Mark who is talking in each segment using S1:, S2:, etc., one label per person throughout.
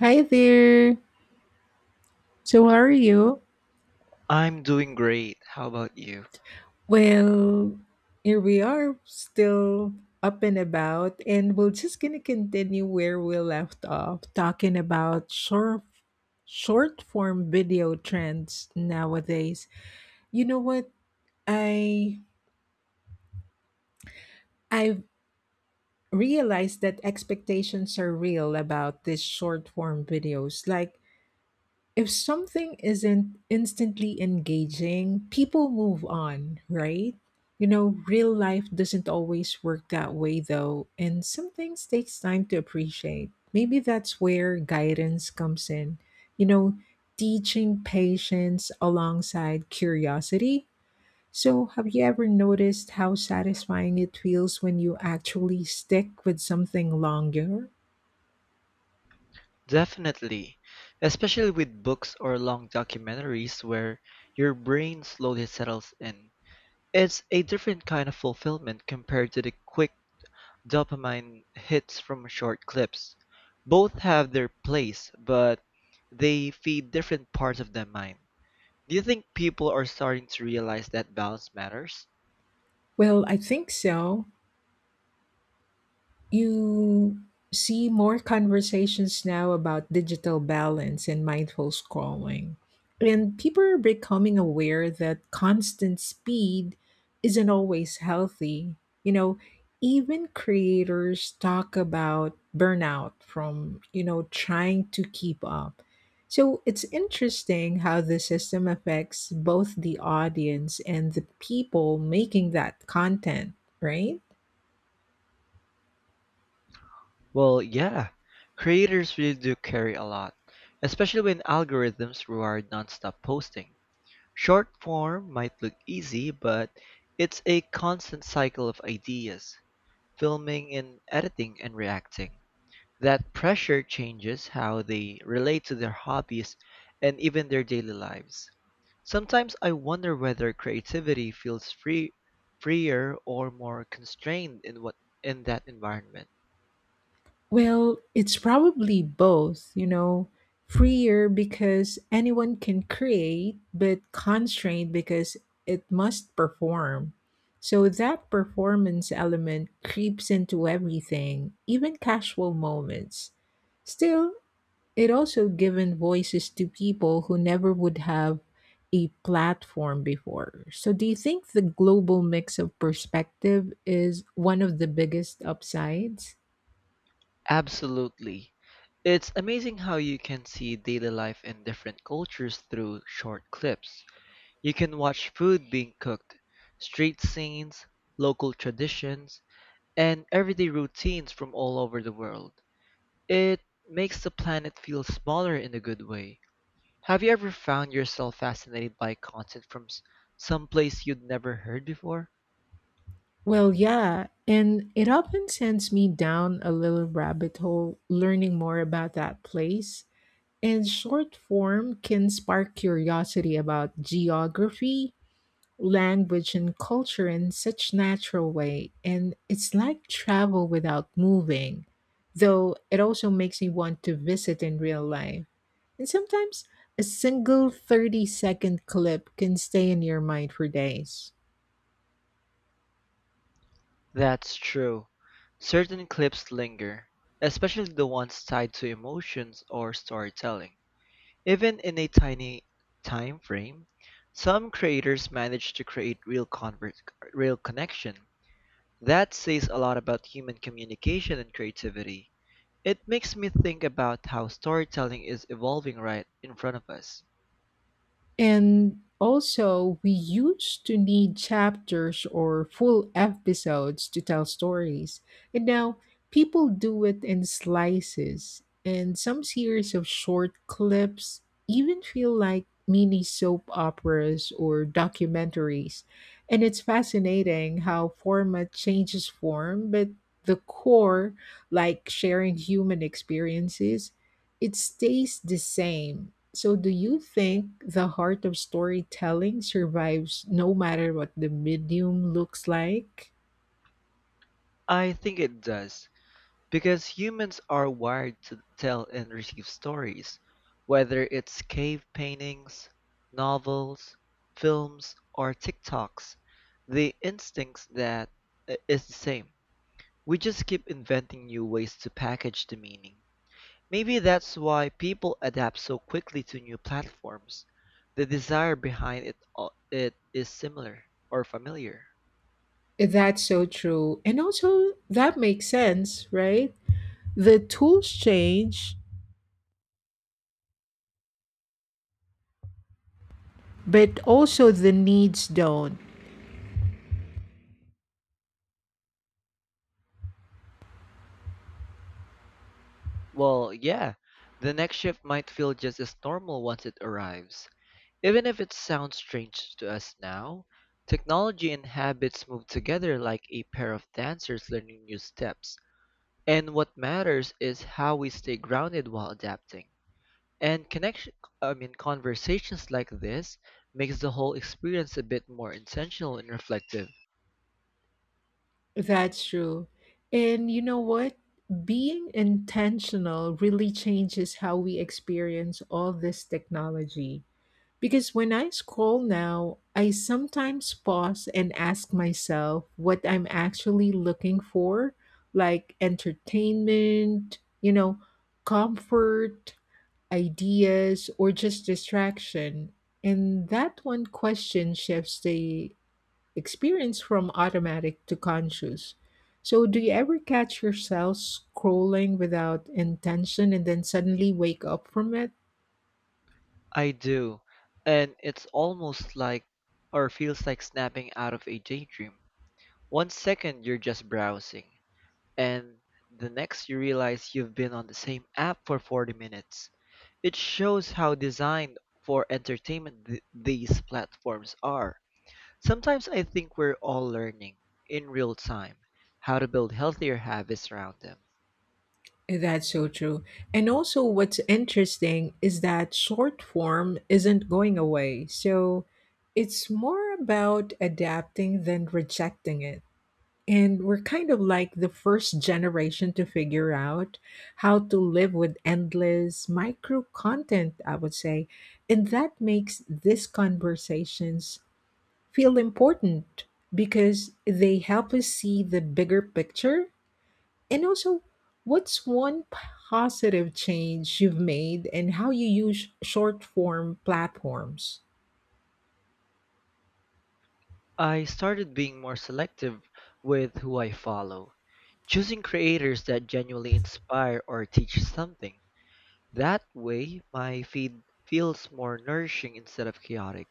S1: Hi there. So, how are you?
S2: I'm doing great. How about you?
S1: Well, here we are, still up and about, and we're just gonna continue where we left off, talking about short form video trends nowadays. You know what? I I've realized that expectations are real about these short form videos. Like if something isn't instantly engaging, people move on, right? You know, real life doesn't always work that way though, and some things takes time to appreciate. Maybe that's where guidance comes in. You know, teaching patience alongside curiosity. So, have you ever noticed how satisfying it feels when you actually stick with something longer?
S2: Definitely. Especially with books or long documentaries where your brain slowly settles in. It's a different kind of fulfillment compared to the quick dopamine hits from short clips. Both have their place, but they feed different parts of the mind. Do you think people are starting to realize that balance matters?
S1: Well, I think so, you see more conversations now about digital balance and mindful scrolling. And people are becoming aware that constant speed isn't always healthy. You know, even creators talk about burnout from, trying to keep up. So it's interesting how the system affects both the audience and the people making that content, right?
S2: Well, yeah. Creators really do carry a lot, especially when algorithms reward nonstop posting. Short form might look easy, but it's a constant cycle of ideas, filming and editing and reacting. That pressure changes how they relate to their hobbies and even their daily lives. Sometimes I wonder whether creativity feels freer or more constrained in that environment.
S1: Well, it's probably both, you know, freer because anyone can create, but constrained because it must perform. So that performance element creeps into everything, even casual moments. Still, it also given voices to people who never would have a platform before. So do you think the global mix of perspective is one of the biggest upsides?
S2: Absolutely. It's amazing how you can see daily life in different cultures through short clips. You can watch food being cooked, street scenes, local traditions, and everyday routines from all over the world. It makes the planet feel smaller in a good way. Have you ever found yourself fascinated by content from some place you'd never heard before?
S1: Well, yeah, and it often sends me down a little rabbit hole learning more about that place. And short form can spark curiosity about geography, language, and culture in such natural way. And it's like travel without moving, though it also makes me want to visit in real life. And sometimes a single 30-second clip can stay in your mind for days.
S2: That's true. Certain clips linger, especially the ones tied to emotions or storytelling. Even in a tiny time frame, some creators manage to create real connection. That says a lot about human communication and creativity. It makes me think about how storytelling is evolving right in front of us.
S1: And also, we used to need chapters or full episodes to tell stories. And now people do it in slices, and some series of short clips even feel like mini soap operas or documentaries. And it's fascinating how format changes form, but the core, like sharing human experiences, it stays the same. So, do you think the heart of storytelling survives no matter what the medium looks like?
S2: I think it does. Because humans are wired to tell and receive stories, whether it's cave paintings, novels, films, or TikToks, the instincts that is the same. We just keep inventing new ways to package the meaning. Maybe that's why people adapt so quickly to new platforms. The desire behind it all, it is similar or familiar.
S1: That's so true. And also, that makes sense, right? The tools change, but also the needs don't.
S2: Well, yeah, the next shift might feel just as normal once it arrives. Even if it sounds strange to us now, technology and habits move together like a pair of dancers learning new steps. And what matters is how we stay grounded while adapting. And connection, I mean, conversations like this makes the whole experience a bit more intentional and reflective.
S1: That's true. And you know what? Being intentional really changes how we experience all this technology. Because when I scroll now, I sometimes pause and ask myself what I'm actually looking for, like entertainment, you know, comfort, ideas, or just distraction. And that one question shifts the experience from automatic to conscious. So, do you ever catch yourself scrolling without intention and then suddenly wake up from it?
S2: I do, and it's almost like, or feels like snapping out of a daydream. One second you're just browsing, and the next you realize you've been on the same app for 40 minutes. It shows how designed for entertainment these platforms are. Sometimes I think we're all learning, in real time, how to build healthier habits around them.
S1: That's so true. And also, what's interesting is that short form isn't going away. So it's more about adapting than rejecting it. And we're kind of like the first generation to figure out how to live with endless micro content, I would say. And that makes these conversations feel important because they help us see the bigger picture. And also, what's one positive change you've made and how you use short form platforms?
S2: I started being more selective with who I follow, choosing creators that genuinely inspire or teach something. That way, my feed feels more nourishing instead of chaotic.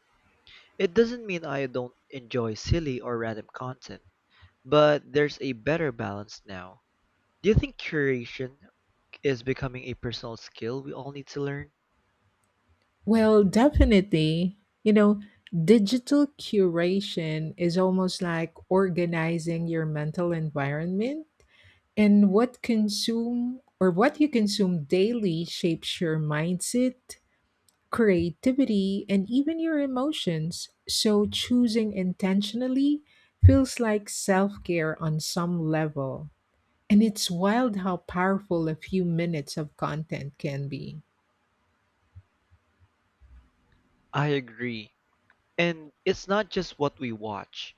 S2: It doesn't mean I don't enjoy silly or random content, but there's a better balance now. Do you think curation is becoming a personal skill we all need to learn?
S1: Well, definitely, you know, digital curation is almost like organizing your mental environment, and what consume or what you consume daily shapes your mindset, creativity, and even your emotions. So, choosing intentionally feels like self care on some level. And it's wild how powerful a few minutes of content can be.
S2: I agree. And it's not just what we watch,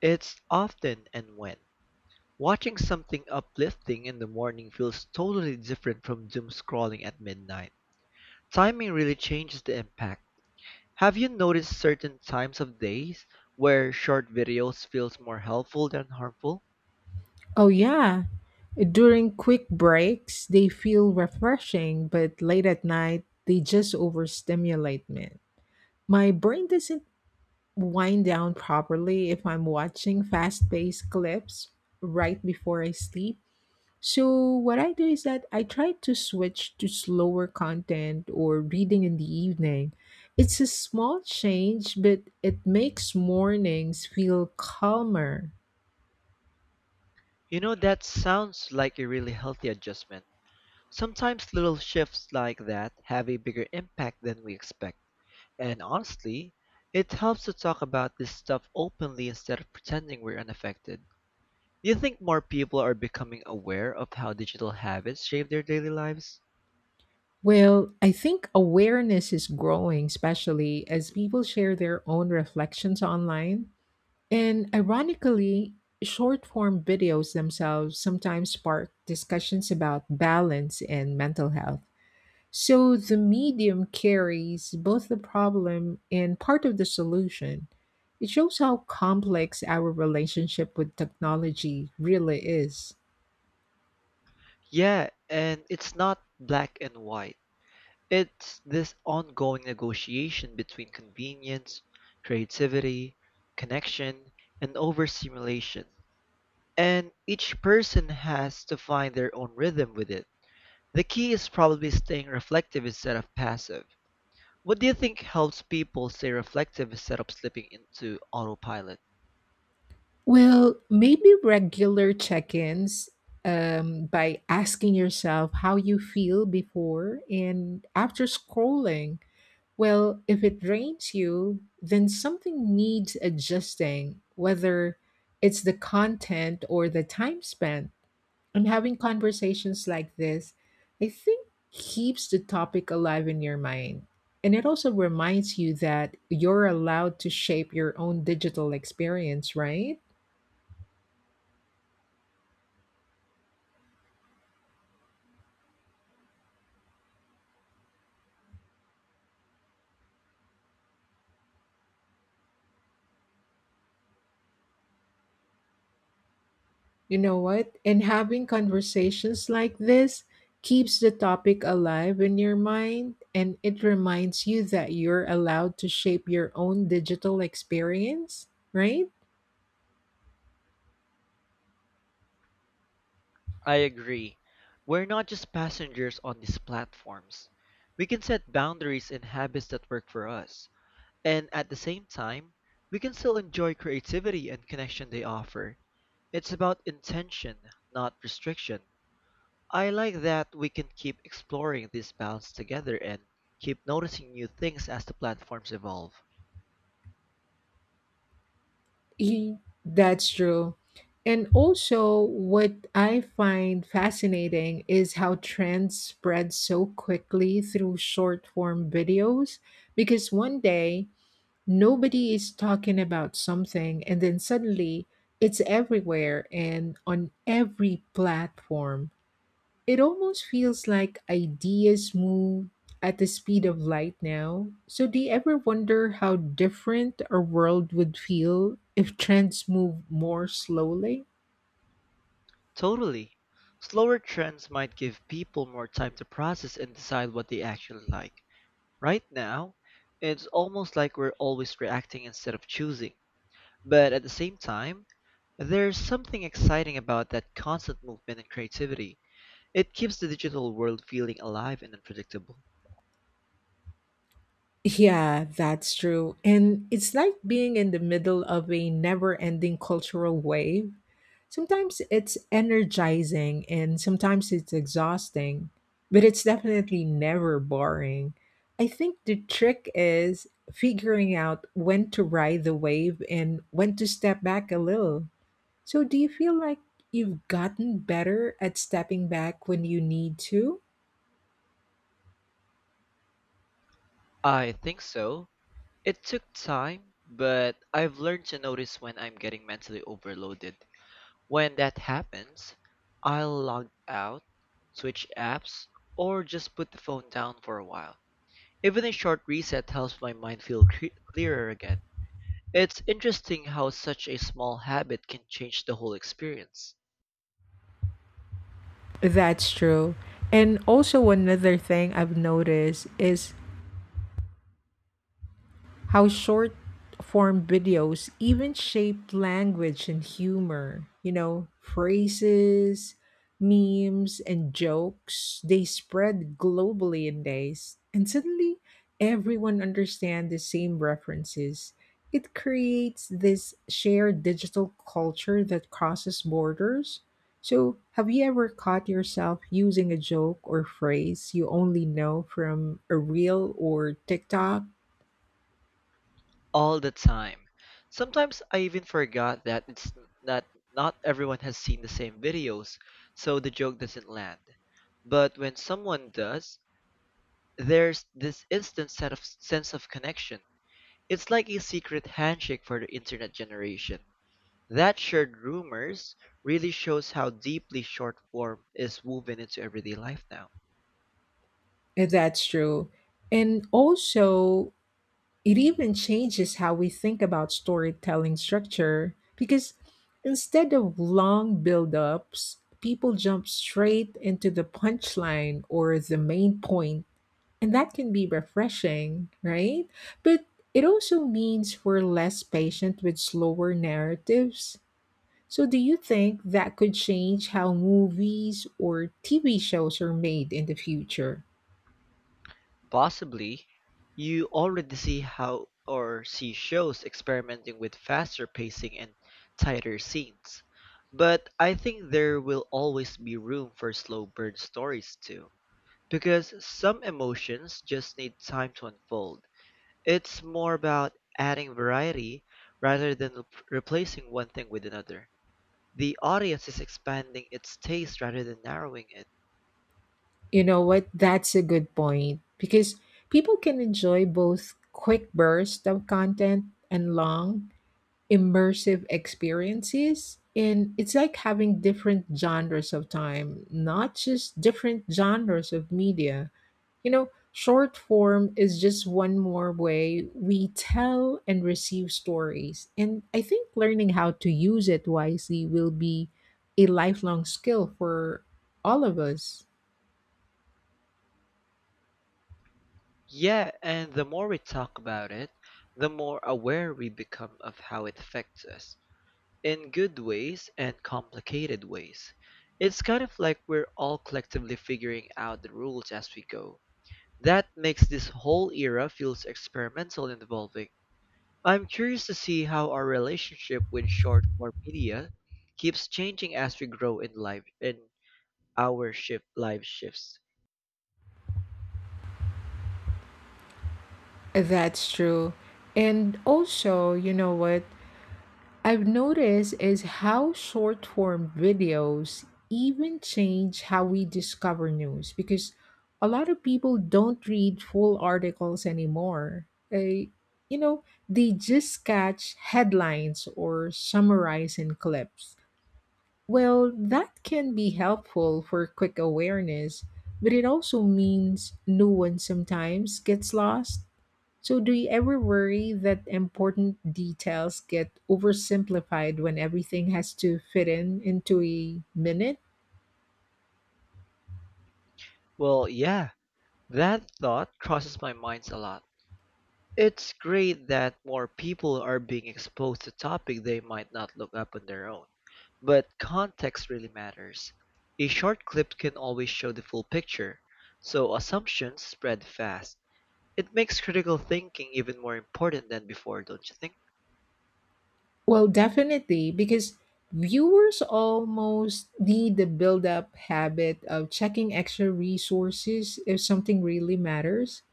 S2: it's often and when. Watching something uplifting in the morning feels totally different from doom scrolling at midnight. Timing really changes the impact. Have you noticed certain times of days where short videos feels more helpful than harmful?
S1: Oh, yeah. During quick breaks, they feel refreshing, but late at night, they just overstimulate me. My brain doesn't wind down properly if I'm watching fast paced clips right before I sleep. So what I do is that I try to switch to slower content or reading in the evening. It's a small change, but it makes mornings feel calmer.
S2: You know, that sounds like a really healthy adjustment. Sometimes little shifts like that have a bigger impact than we expect. And honestly, it helps to talk about this stuff openly instead of pretending we're unaffected. Do you think more people are becoming aware of how digital habits shape their daily lives?
S1: Well, I think awareness is growing, especially as people share their own reflections online. And ironically, short form videos themselves sometimes spark discussions about balance and mental health. So the medium carries both the problem and part of the solution. It shows how complex our relationship with technology really is.
S2: Yeah, and it's not black and white. It's this ongoing negotiation between convenience, creativity, connection, and overstimulation. And each person has to find their own rhythm with it. The key is probably staying reflective instead of passive. What do you think helps people stay reflective instead of slipping into autopilot?
S1: Well, maybe regular check ins by asking yourself how you feel before and after scrolling. Well, if it drains you, then something needs adjusting, whether it's the content or the time spent. And having conversations like this, I think, keeps the topic alive in your mind. And it also reminds you that you're allowed to shape your own digital experience, right? You know what? And having conversations like this keeps the topic alive in your mind, and it reminds you that you're allowed to shape your own digital experience, right?
S2: I agree. We're not just passengers on these platforms. We can set boundaries and habits that work for us. And at the same time, we can still enjoy creativity and connection they offer. It's about intention, not restriction. I like that we can keep exploring this balance together and keep noticing new things as the platforms evolve.
S1: That's true. And also, what I find fascinating is how trends spread so quickly through short form videos, because one day, nobody is talking about something, and then suddenly it's everywhere and on every platform. It almost feels like ideas move at the speed of light now. So, do you ever wonder how different our world would feel if trends move more slowly?
S2: Totally. Slower trends might give people more time to process and decide what they actually like. Right now, it's almost like we're always reacting instead of choosing. But at the same time, there's something exciting about that constant movement and creativity. It keeps the digital world feeling alive and unpredictable.
S1: Yeah, that's true. And it's like being in the middle of a never ending cultural wave. Sometimes it's energizing and sometimes it's exhausting, but it's definitely never boring. I think the trick is figuring out when to ride the wave and when to step back a little. So, do you feel like you've gotten better at stepping back when you need to?
S2: I think so. It took time, but I've learned to notice when I'm getting mentally overloaded. When that happens, I'll log out, switch apps, or just put the phone down for a while. Even a short reset helps my mind clearer again. It's interesting how such a small habit can change the whole experience.
S1: That's true. And also, another thing I've noticed is how short form videos even shape language and humor. You know, phrases, memes, and jokes, they spread globally in days. And suddenly, everyone understands the same references. It creates this shared digital culture that crosses borders. So, have you ever caught yourself using a joke or phrase you only know from a reel or TikTok?
S2: All the time. Sometimes I even forgot that not everyone has seen the same videos, so the joke doesn't land. But when someone does, there's this instant set of sense of connection. It's like a secret handshake for the internet generation. That shared rumors really shows how deeply short form is woven into everyday life now.
S1: That's true. And also, it even changes how we think about storytelling structure, because instead of long build-ups, people jump straight into the punchline or the main point, and that can be refreshing, right? But it also means we're less patient with slower narratives. So, do you think that could change how movies or TV shows are made in the future?
S2: Possibly, you already see how or see shows experimenting with faster pacing and tighter scenes. But I think there will always be room for slow burn stories too. Because some emotions just need time to unfold. It's more about adding variety rather than replacing one thing with another. The audience is expanding its taste rather than narrowing it.
S1: You know what? That's a good point because people can enjoy both quick bursts of content and long, immersive experiences. And it's like having different genres of time, not just different genres of media. You know, short form is just one more way we tell and receive stories. And I think learning how to use it wisely will be a lifelong skill for all of us.
S2: Yeah, and the more we talk about it, the more aware we become of how it affects us, in good ways and complicated ways. It's kind of like we're all collectively figuring out the rules as we go. That makes this whole era feels experimental and evolving. I'm curious to see how our relationship with short form media keeps changing as we grow in our shifts.
S1: That's true. And also, you know what I've noticed is how short form videos even change how we discover news, because a lot of people don't read full articles anymore. They, you know, they just catch headlines or summarize in clips. Well, that can be helpful for quick awareness, but it also means new one sometimes gets lost. So, do you ever worry that important details get oversimplified when everything has to fit in into a minute?
S2: Well, yeah, that thought crosses my mind a lot. It's great that more people are being exposed to topics they might not look up on their own, but context really matters. A short clip can always show the full picture, so assumptions spread fast. It makes critical thinking even more important than before, don't you think?
S1: Well, definitely, because viewers almost need the build up habit of checking extra resources if something really matters.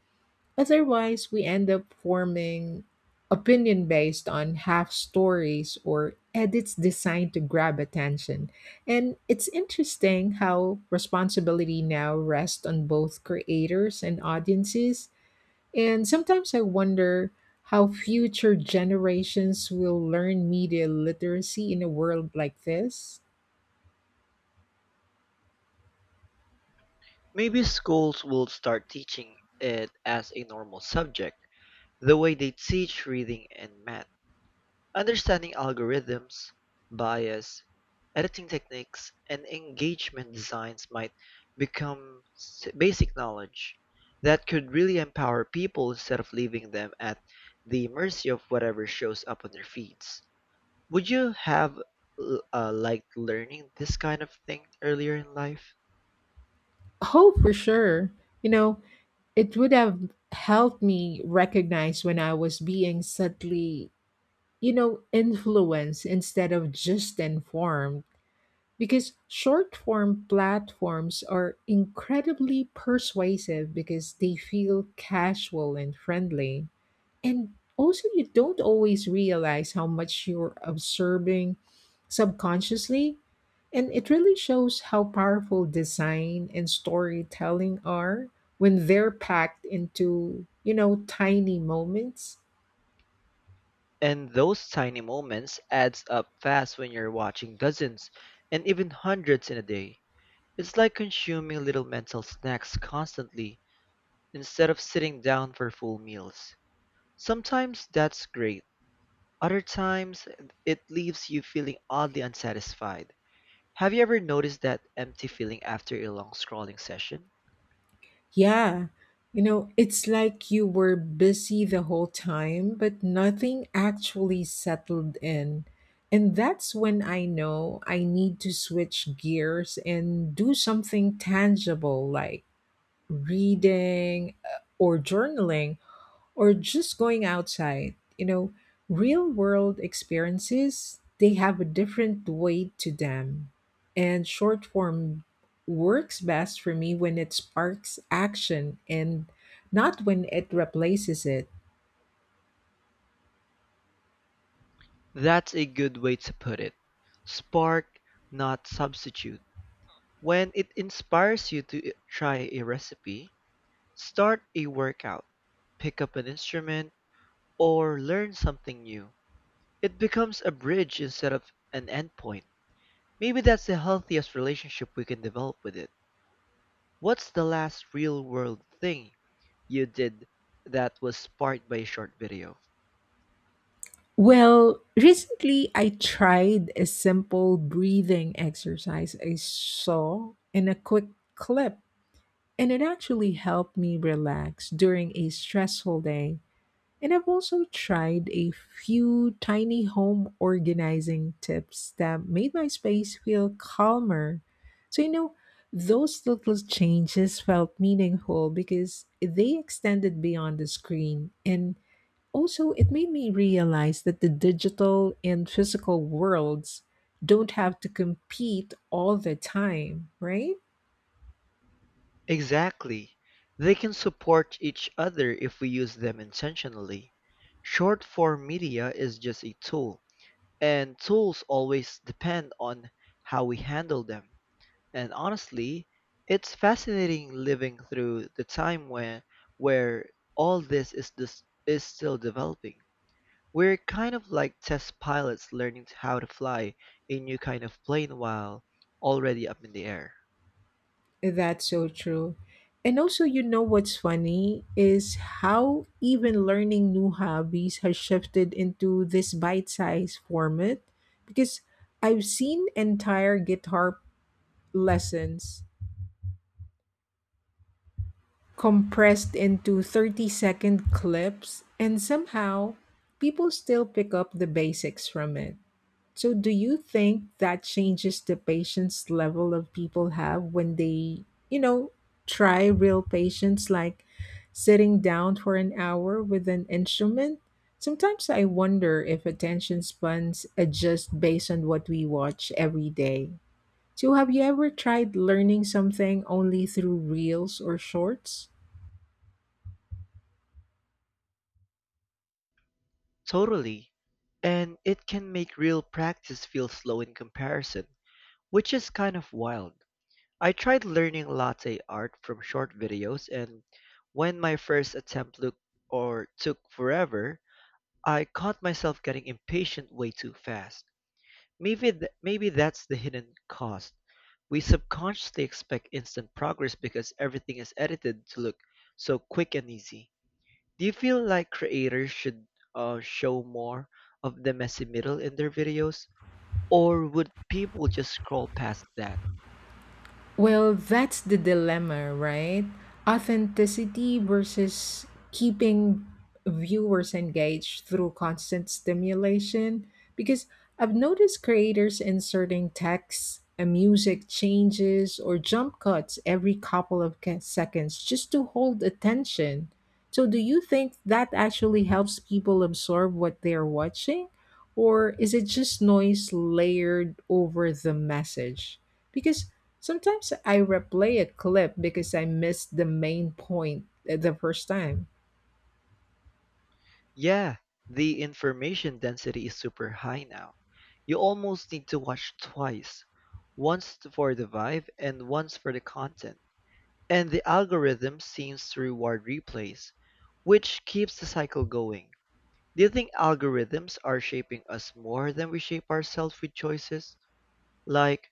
S1: Otherwise, we end up forming opinion based on half stories or edits designed to grab attention. And it's interesting how responsibility now rests on both creators and audiences. And sometimes I wonder how future generations will learn media literacy in a world like this.
S2: Maybe schools will start teaching it as a normal subject, the way they teach reading and math. Understanding algorithms, bias, editing techniques, and engagement designs might become basic knowledge that could really empower people instead of leaving them at the mercy of whatever shows up on their feeds. Would you have liked learning this kind of thing earlier in life?
S1: Oh, for sure. You know, it would have helped me recognize when I was being subtly, you know, influence instead of just informed. Because short form platforms are incredibly persuasive because they feel casual and friendly. And also, you don't always realize how much you're observing subconsciously. And it really shows how powerful design and storytelling are when they're packed into, you know, tiny moments.
S2: And those tiny moments adds up fast when you're watching dozens and even hundreds in a day. It's like consuming little mental snacks constantly instead of sitting down for full meals. Sometimes that's great. Other times it leaves you feeling oddly unsatisfied. Have you ever noticed that empty feeling after a long scrolling session?
S1: Yeah. You know, it's like you were busy the whole time, but nothing actually settled in. And that's when I know I need to switch gears and do something tangible like reading or journaling or just going outside. You know, real world experiences, they have a different weight to them. And short form works best for me when it sparks action and not when it replaces it.
S2: That's a good way to put it. Spark, not substitute. When it inspires you to try a recipe, start a workout, pick up an instrument, or learn something new. It becomes a bridge instead of an endpoint. Maybe that's the healthiest relationship we can develop with it. What's the last real world thing you did that was sparked by a short video?
S1: Well, recently I tried a simple breathing exercise I saw in a quick clip, and it actually helped me relax during a stressful day. And I've also tried a few tiny home organizing tips that made my space feel calmer. So, you know, those little changes felt meaningful because they extended beyond the screen. And also, it made me realize that the digital and physical worlds don't have to compete all the time, right?
S2: Exactly. They can support each other if we use them intentionally. Short form media is just a tool, and tools always depend on how we handle them. And honestly, it's fascinating living through the time when where all this is still developing. We're kind of like test pilots learning how to fly a new kind of plane while already up in the air.
S1: That's so true. And also, you know what's funny is how even learning new hobbies has shifted into this bite sized format, because I've seen entire guitar lessons compressed into 30-second clips, and somehow people still pick up the basics from it. So, do you think that changes the patience level of people have when they, you know, try real patience, like sitting down for an hour with an instrument? Sometimes I wonder if attention spans adjust based on what we watch every day. So, have you ever tried learning something only through reels or shorts?
S2: Totally. And it can make real practice feel slow in comparison, which is kind of wild. I tried learning latte art from short videos and when my first attempt looked or took forever, I caught myself getting impatient way too fast. Maybe that's the hidden cost. We subconsciously expect instant progress because everything is edited to look so quick and easy. Do you feel like creators should show more of the messy middle in their videos, or would people just scroll past that?
S1: Well, that's the dilemma, right? Authenticity versus keeping viewers engaged through constant stimulation. Because I've noticed creators inserting text and music changes or jump cuts every couple of seconds just to hold attention. So, do you think that actually helps people absorb what they're watching? Or is it just noise layered over the message? Because sometimes I replay a clip because I missed the main point the first time.
S2: Yeah, the information density is super high now. You almost need to watch twice, once for the vibe and once for the content. And the algorithm seems to reward replays, which keeps the cycle going. Do you think algorithms are shaping us more than we shape ourselves with choices? Like,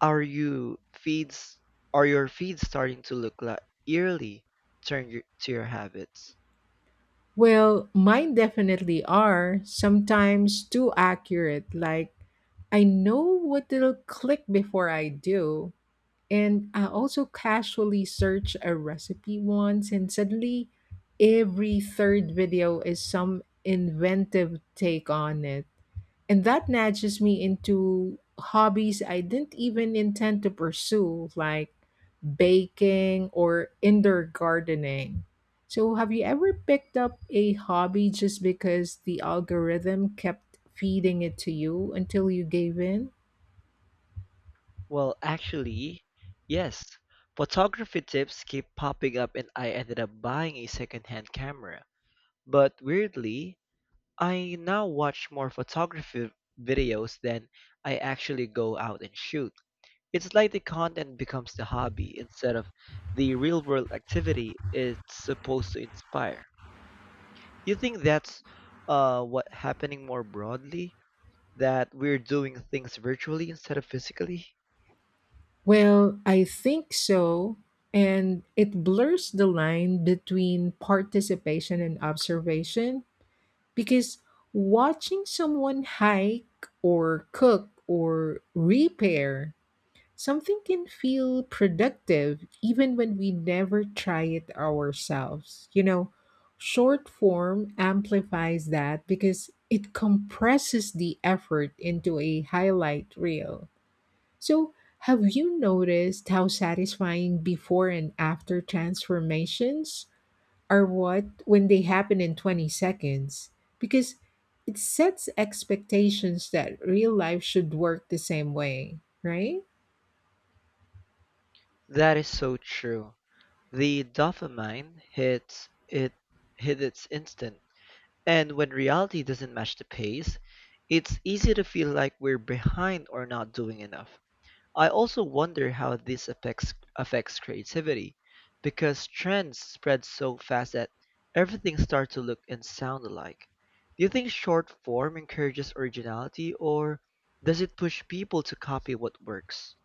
S2: are you feeds are your feeds starting to look like eerily? Turn to your habits?
S1: Well, mine definitely are sometimes too accurate. Like, I know what it'll click before I do. And I also casually search a recipe once, and suddenly every third video is some inventive take on it, and that nudges me into hobbies I didn't even intend to pursue, like baking or indoor gardening. So, have you ever picked up a hobby just because the algorithm kept feeding it to you until you gave in?
S2: Well, actually, yes. Photography tips keep popping up and I ended up buying a secondhand camera. But weirdly, I now watch more photography videos than I actually go out and shoot. It's like the content becomes the hobby instead of the real world activity it's supposed to inspire. You think that's what happening more broadly? That we're doing things virtually instead of physically?
S1: Well, I think so. And it blurs the line between participation and observation. Because watching someone hike or cook or repair something can feel productive even when we never try it ourselves. You know, short form amplifies that because it compresses the effort into a highlight reel. So, have you noticed how satisfying before and after transformations are what when they happen in 20 seconds, because it sets expectations that real life should work the same way, right?
S2: That is so true. The dopamine hits it hit its instant. And when reality doesn't match the pace, it's easy to feel like we're behind or not doing enough. I also wonder how this affects creativity, because trends spread so fast that everything starts to look and sound alike. Do you think short form encourages originality, or does it push people to copy what works?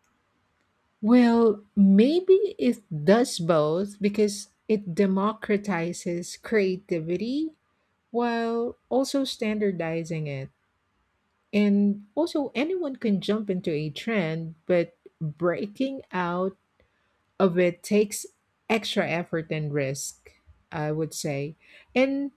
S1: Well, maybe it does both because it democratizes creativity while also standardizing it. And also, anyone can jump into a trend, but breaking out of it takes extra effort and risk, I would say. And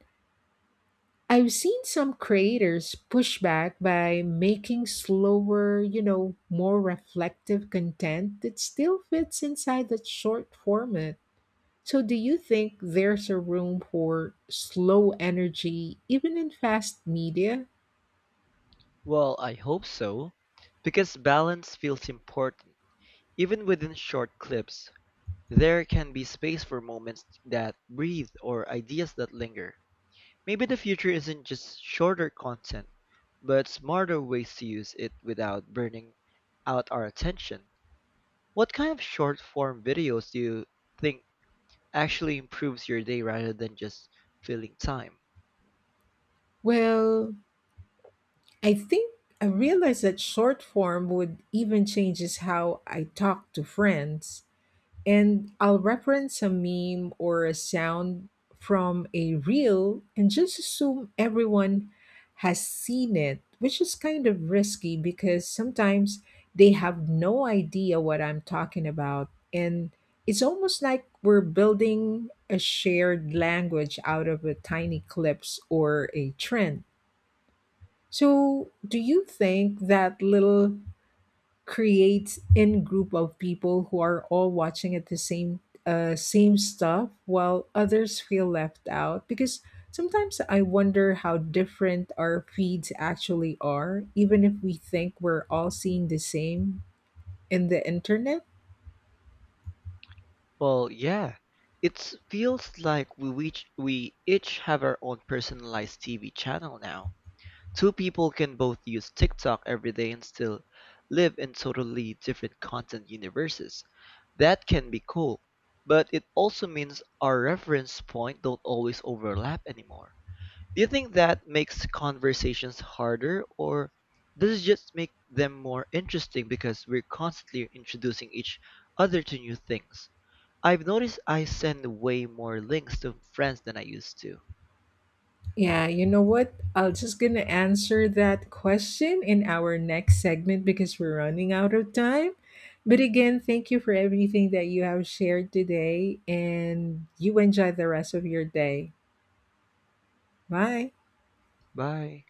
S1: I've seen some creators push back by making slower, you know, more reflective content that still fits inside that short format. So, do you think there's a room for slow energy even in fast media?
S2: Well, I hope so, because balance feels important, even within short clips. There can be space for moments that breathe or ideas that linger. Maybe the future isn't just shorter content, but smarter ways to use it without burning out our attention. What kind of short form videos do you think actually improves your day rather than just filling time?
S1: Well, I think I realized that short form would even changes how I talk to friends. And I'll reference a meme or a sound from a reel and just assume everyone has seen it, which is kind of risky because sometimes they have no idea what I'm talking about. And it's almost like we're building a shared language out of a tiny clips or a trend. So, do you think that little creates in group of people who are all watching at the same stuff while others feel left out, because sometimes I wonder how different our feeds actually are even if we think we're all seeing the same in the internet.
S2: Well, yeah. It feels like we each have our own personalized TV channel now. Two people can both use TikTok every day and still live in totally different content universes. That can be cool, but it also means our reference point don't always overlap anymore. Do you think that makes conversations harder or does it just make them more interesting because we're constantly introducing each other to new things? I've noticed I send way more links to friends than I used to.
S1: Yeah, you know what? I'm just gonna answer that question in our next segment because we're running out of time. But again, thank you for everything that you have shared today, and you enjoy the rest of your day. Bye.
S2: Bye.